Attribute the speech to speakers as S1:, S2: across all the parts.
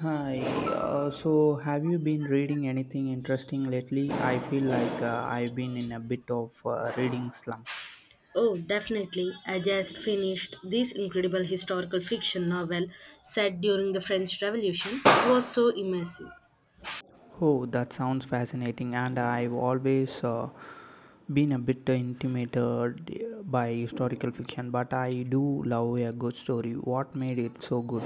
S1: Hi, so have you been reading anything interesting lately? I feel like I've been in a bit of reading slump.
S2: Oh, definitely. I just finished this incredible historical fiction novel set during the French Revolution. It was so immersive.
S1: Oh, that sounds fascinating, and I've always been a bit intimidated by historical fiction, but I do love a good story. What made it so good?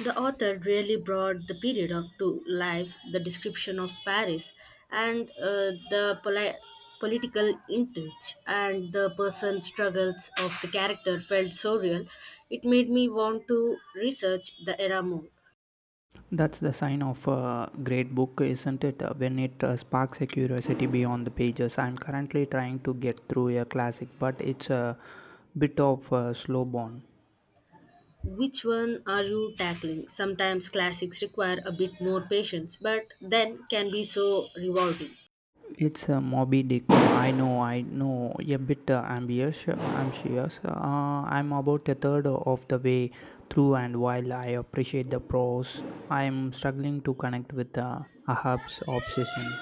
S2: The author really brought the period of to life, the description of Paris, and the political intrigue and the person struggles of the character felt so real. It made me want to research the era more.
S1: That's the sign of a great book, isn't it? When it sparks a curiosity beyond the pages. I'm currently trying to get through a classic, but it's a bit of a slow burn.
S2: Which one are you tackling? Sometimes classics require a bit more patience, but then can be so rewarding.
S1: It's a Moby Dick. I know, I know. A bit ambitious. I'm about a third of the way through, and while I appreciate the prose, I'm struggling to connect with Ahab's obsession.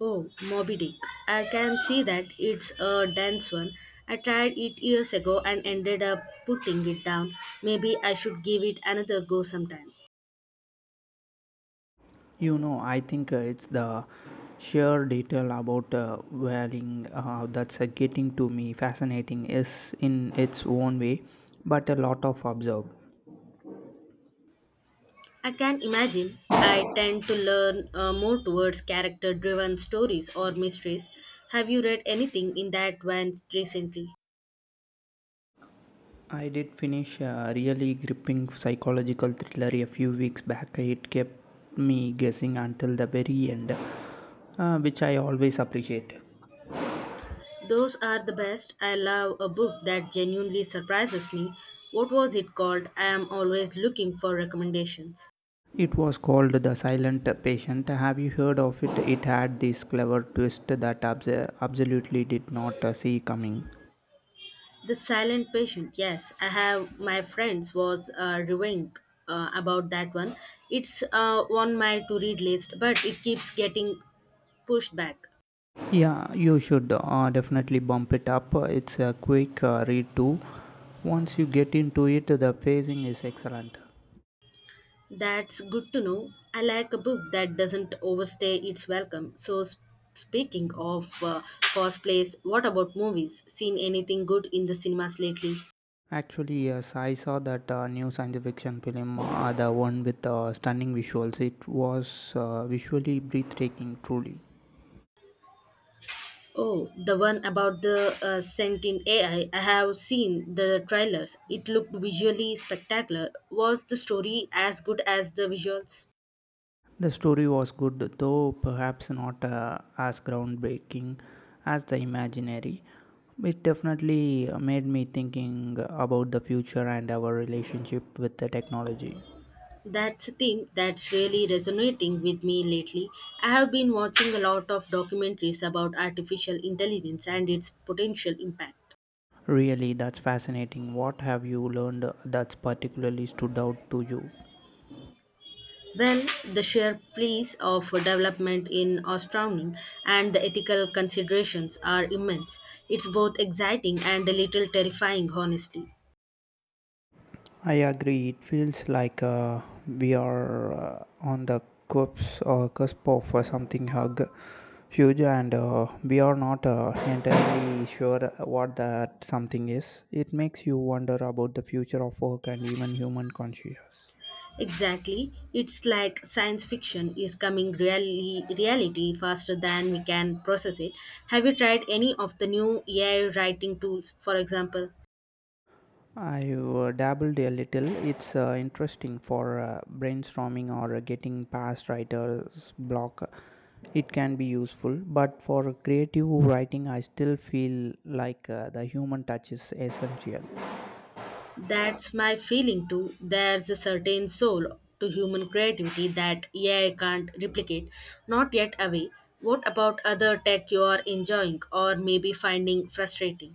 S2: Oh, Moby Dick. I can see that it's a dense one. I tried it years ago and ended up putting it down. Maybe I should give it another go sometime.
S1: You know, I think it's the sheer detail about whaling that's getting to me fascinating is in its own way, but a lot of observe.
S2: I can imagine I tend to learn more towards character driven stories or mysteries. Have you read anything in that vein recently?
S1: I did finish a really gripping psychological thriller a few weeks back. It kept me guessing until the very end, which I always appreciate.
S2: Those are the best. I love a book that genuinely surprises me. What was it called? I am always looking for recommendations.
S1: It was called The Silent Patient. Have you heard of it? It had this clever twist that absolutely did not see coming.
S2: The Silent Patient. Yes, I have my friends was raving about that one. It's on my to read list, but it keeps getting pushed back.
S1: Yeah, you should definitely bump it up. It's a quick read, too. Once you get into it, the pacing is excellent.
S2: That's good to know. I like a book that doesn't overstay its welcome. So, speaking of first place, what about movies? Seen anything good in the cinemas lately?
S1: Actually, yes, I saw that new science fiction film, the one with stunning visuals. It was visually breathtaking, truly.
S2: Oh, the one about the sentient AI. I have seen the trailers. It looked visually spectacular. Was the story as good as the visuals?
S1: The story was good, though perhaps not as groundbreaking as the imaginary. It definitely made me thinking about the future and our relationship with the technology.
S2: That's a theme that's really resonating with me lately. I have been watching a lot of documentaries about artificial intelligence and its potential impact.
S1: Really, that's fascinating. What have you learned that's particularly stood out to you?
S2: Well, the sheer pace of development in astounding, and the ethical considerations are immense. It's both exciting and a little terrifying, honestly.
S1: I agree. It feels like we are on the cusp of something huge, and we are not entirely sure what that something is. It makes you wonder about the future of work and even human consciousness.
S2: Exactly. It's like science fiction is coming really reality faster than we can process it. Have you tried any of the new AI writing tools, for example?
S1: I dabbled a little. It's interesting for brainstorming or getting past writer's block. It can be useful, but for creative writing, I still feel like the human touch is essential.
S2: That's my feeling too. There's a certain soul to human creativity that AI can't replicate. Not yet away. What about other tech you are enjoying or maybe finding frustrating?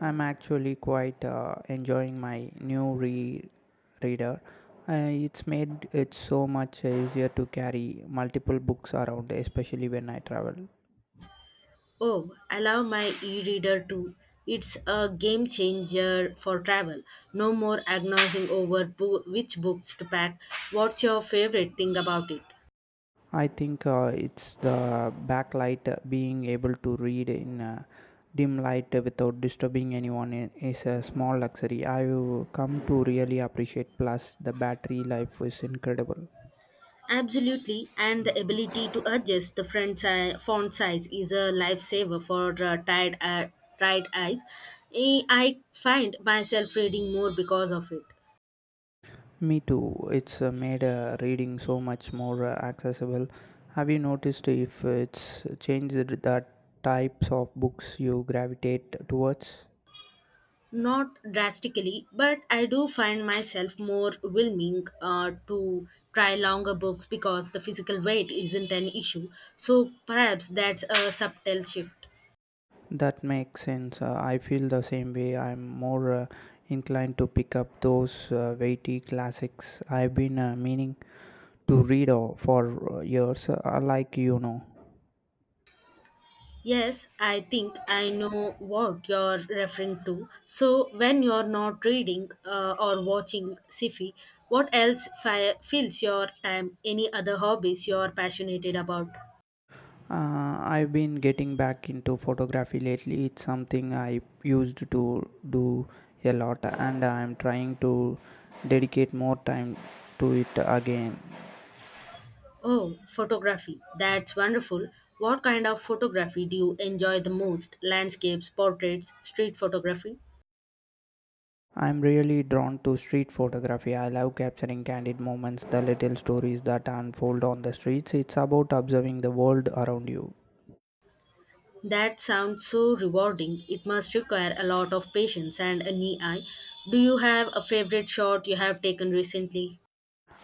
S1: I'm actually quite enjoying my new reader. It's made it so much easier to carry multiple books around, especially when I travel.
S2: Oh, I love my e reader too. It's a game changer for travel. No more agonizing over which books to pack. What's your favorite thing about it?
S1: I think it's the backlight being able to read in dim light without disturbing anyone is a small luxury. I've come to really appreciate. Plus, the battery life is incredible.
S2: Absolutely, and the ability to adjust the font size is a lifesaver for tired eyes. I find myself reading more because of it.
S1: Me too. It's made reading so much more accessible. Have you noticed if it's changed the types of books you gravitate towards?
S2: Not drastically, but I do find myself more willing to try longer books because the physical weight isn't an issue. So perhaps that's a subtle shift.
S1: That makes sense. I feel the same way. I'm more inclined to pick up those weighty classics I've been meaning to read for years,
S2: Yes, I think I know what you're referring to. So when you're not reading or watching sci-fi, what else fills your time? Any other hobbies you're passionate about?
S1: I've been getting back into photography lately. It's something I used to do a lot, and I'm trying to dedicate more time to it again.
S2: Oh, photography. That's wonderful. What kind of photography do you enjoy the most? Landscapes, portraits, street photography?
S1: I'm really drawn to street photography. I love capturing candid moments, the little stories that unfold on the streets. It's about observing the world around you.
S2: That sounds so rewarding. It must require a lot of patience and a knee eye. Do you have a favorite shot you have taken recently?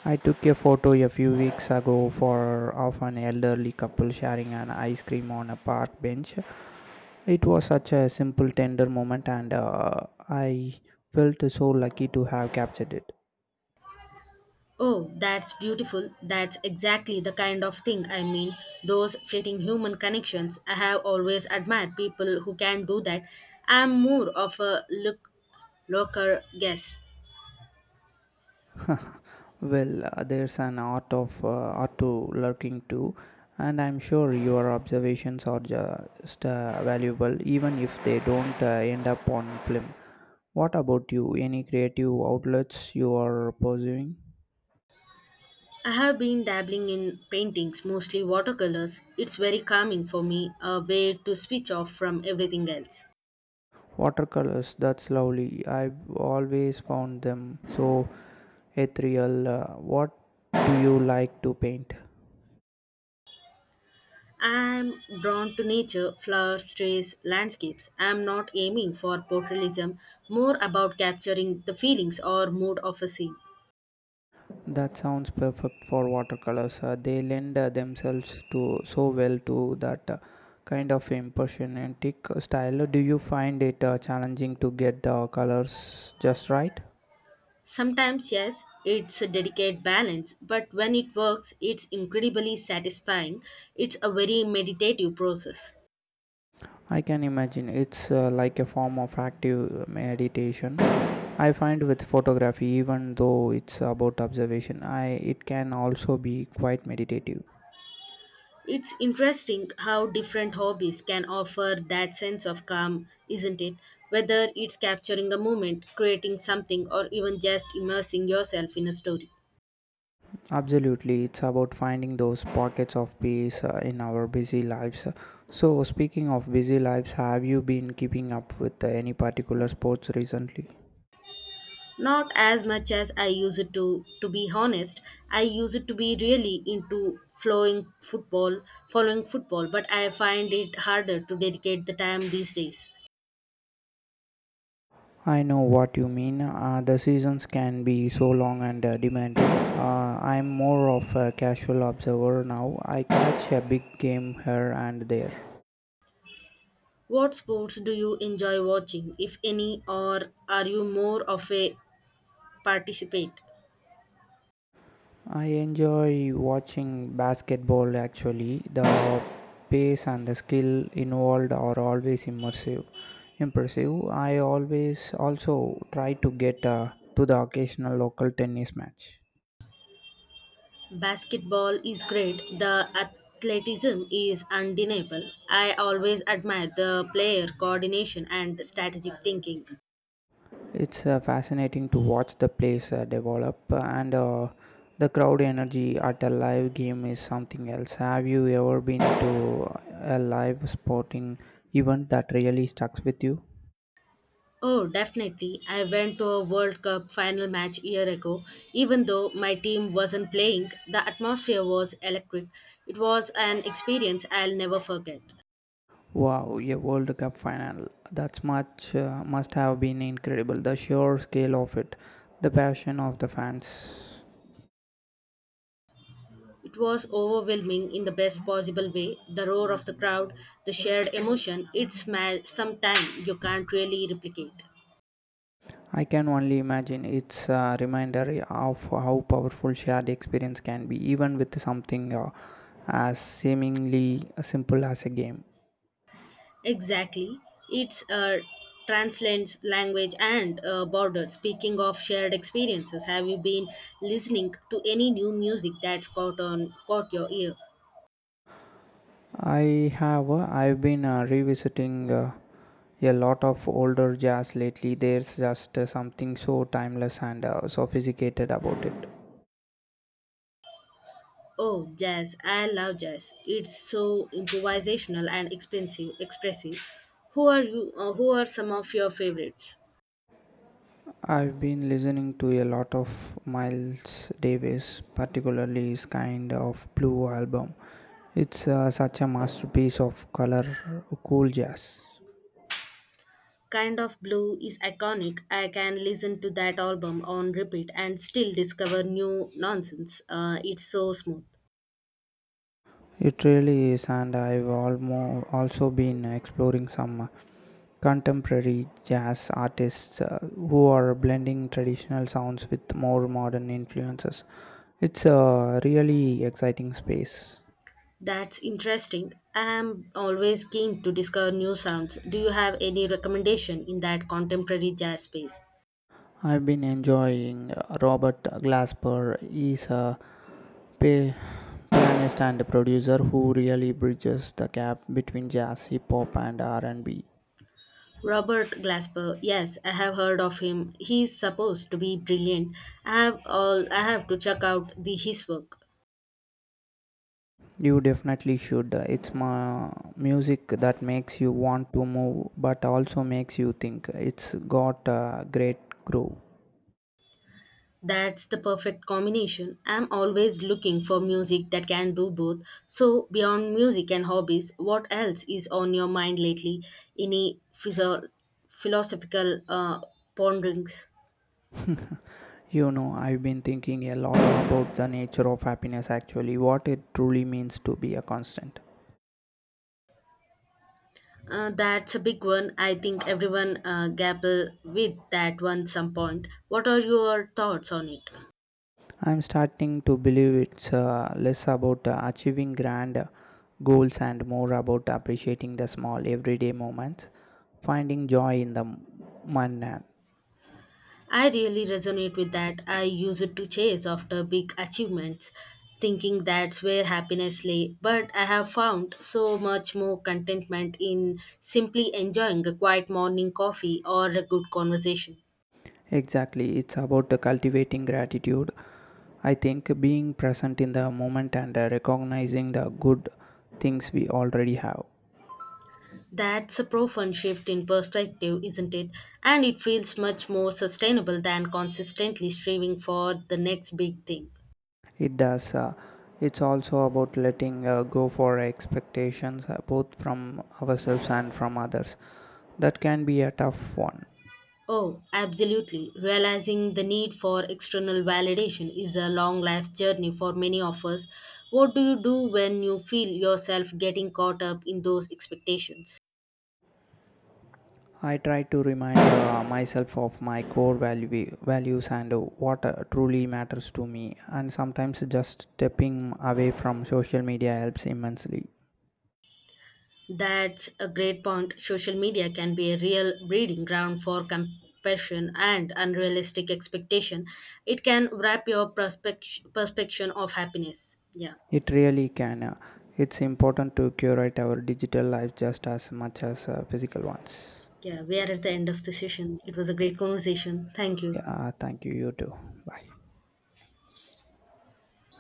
S1: I took a photo a few weeks ago for of an elderly couple sharing an ice cream on a park bench. It was such a simple, tender moment, and I felt so lucky to have captured it.
S2: Oh, that's beautiful. That's exactly the kind of thing I mean. Those fleeting human connections. I have always admired people who can do that. I'm more of a looker guess.
S1: Well, there's an art to lurking too, and I'm sure your observations are just valuable, even if they don't end up on film. What about you? Any creative outlets you are pursuing?
S2: I have been dabbling in paintings, mostly watercolors. It's very calming for me, a way to switch off from everything else.
S1: Watercolors, that's lovely. I've always found them so ethereal. What do you like to paint?
S2: I'm drawn to nature, flowers, trees, landscapes. I'm not aiming for portraitism, more about capturing the feelings or mood of a scene.
S1: That sounds perfect for watercolors. They lend themselves to so well to that kind of impressionistic style. Do you find it challenging to get the colors just right?
S2: Sometimes, yes, it's a delicate balance, but when it works, it's incredibly satisfying. It's a very meditative process.
S1: I can imagine it's like a form of active meditation. I find with photography, even though it's about observation, I it can also be quite meditative.
S2: It's interesting how different hobbies can offer that sense of calm, isn't it? Whether it's capturing a moment, creating something, or even just immersing yourself in a story.
S1: Absolutely, it's about finding those pockets of peace in our busy lives. So, speaking of busy lives, have you been keeping up with any particular sports recently?
S2: Not as much as I use it to be honest. I use it to be really into following football, but I find it harder to dedicate the time these days.
S1: I know what you mean. The seasons can be so long and demanding. I'm more of a casual observer now. I catch a big game here and there.
S2: What sports do you enjoy watching, if any, or are you more of a participate?
S1: I enjoy watching basketball actually. The pace and the skill involved are always immersive. Impressive. I always also try to get to the occasional local tennis match.
S2: Basketball is great. The athleticism is undeniable. I always admire the player coordination and strategic thinking.
S1: It's fascinating to watch the place develop and the crowd energy at a live game is something else. Have you ever been to a live sporting event that really stuck with you?
S2: Oh, definitely. I went to a World Cup final match a year ago. Even though my team wasn't playing, the atmosphere was electric. It was an experience I'll never forget.
S1: Wow, a World Cup final. That's much must have been incredible. The sheer scale of it, the passion of the fans.
S2: It was overwhelming in the best possible way. The roar of the crowd, the shared emotion, it's sometime you can't really replicate.
S1: I can only imagine it's a reminder of how powerful shared experience can be, even with something as seemingly simple as a game.
S2: Exactly. It's transcends language and borders. Speaking of shared experiences, have you been listening to any new music that's caught your ear?
S1: I've been revisiting a lot of older jazz lately. There's just something so timeless and sophisticated about it.
S2: Oh, jazz! I love jazz. It's so improvisational and expressive. Who are you? Who are some of your favorites?
S1: I've been listening to a lot of Miles Davis, particularly his kind of blue album. It's such a masterpiece of color cool jazz.
S2: Kind of Blue is iconic. I can listen to that album on repeat and still discover new nonsense. It's so smooth.
S1: It really is, and I've also been exploring some contemporary jazz artists who are blending traditional sounds with more modern influences. It's a really exciting space.
S2: That's interesting. I'm always keen to discover new sounds. Do you have any recommendation in that contemporary jazz space?
S1: I've been enjoying Robert Glasper. He's a pa- pianist and producer who really bridges the gap between jazz, hip hop and R&B.
S2: Robert Glasper, yes, I have heard of him. He's supposed to be brilliant. I have to check out the his work.
S1: You definitely should. It's music that makes you want to move but also makes you think. It's got a great groove.
S2: That's the perfect combination. I'm always looking for music that can do both. So beyond music and hobbies, what else is on your mind lately? Any philosophical ponderings?
S1: You know, I've been thinking a lot about the nature of happiness actually, what it truly means to be a constant.
S2: That's a big one. I think everyone grapple with that one some point. What are your thoughts on it?
S1: I'm starting to believe it's less about achieving grand goals and more about appreciating the small everyday moments, finding joy in the mundane.
S2: I really resonate with that. I use it to chase after big achievements, thinking that's where happiness lay. But I have found so much more contentment in simply enjoying a quiet morning coffee or a good conversation.
S1: Exactly, it's about cultivating gratitude. I think being present in the moment and recognizing the good things we already have.
S2: That's a profound shift in perspective, isn't it? And it feels much more sustainable than consistently striving for the next big thing.
S1: It does. It's also about letting go for expectations, both from ourselves and from others. That can be a tough one.
S2: Oh, absolutely. Realizing the need for external validation is a long life journey for many of us. What do you do when you feel yourself getting caught up in those expectations?
S1: I try to remind myself of my values and what truly matters to me. And sometimes just stepping away from social media helps immensely.
S2: That's a great point. Social media can be a real breeding ground for compassion and unrealistic expectation. It can wrap your perception of happiness. Yeah.
S1: It really can. It's important to curate our digital life just as much as physical ones.
S2: Yeah, we are at the end of the session. It was a great conversation. Thank you.
S1: Yeah, thank you. You too. Bye.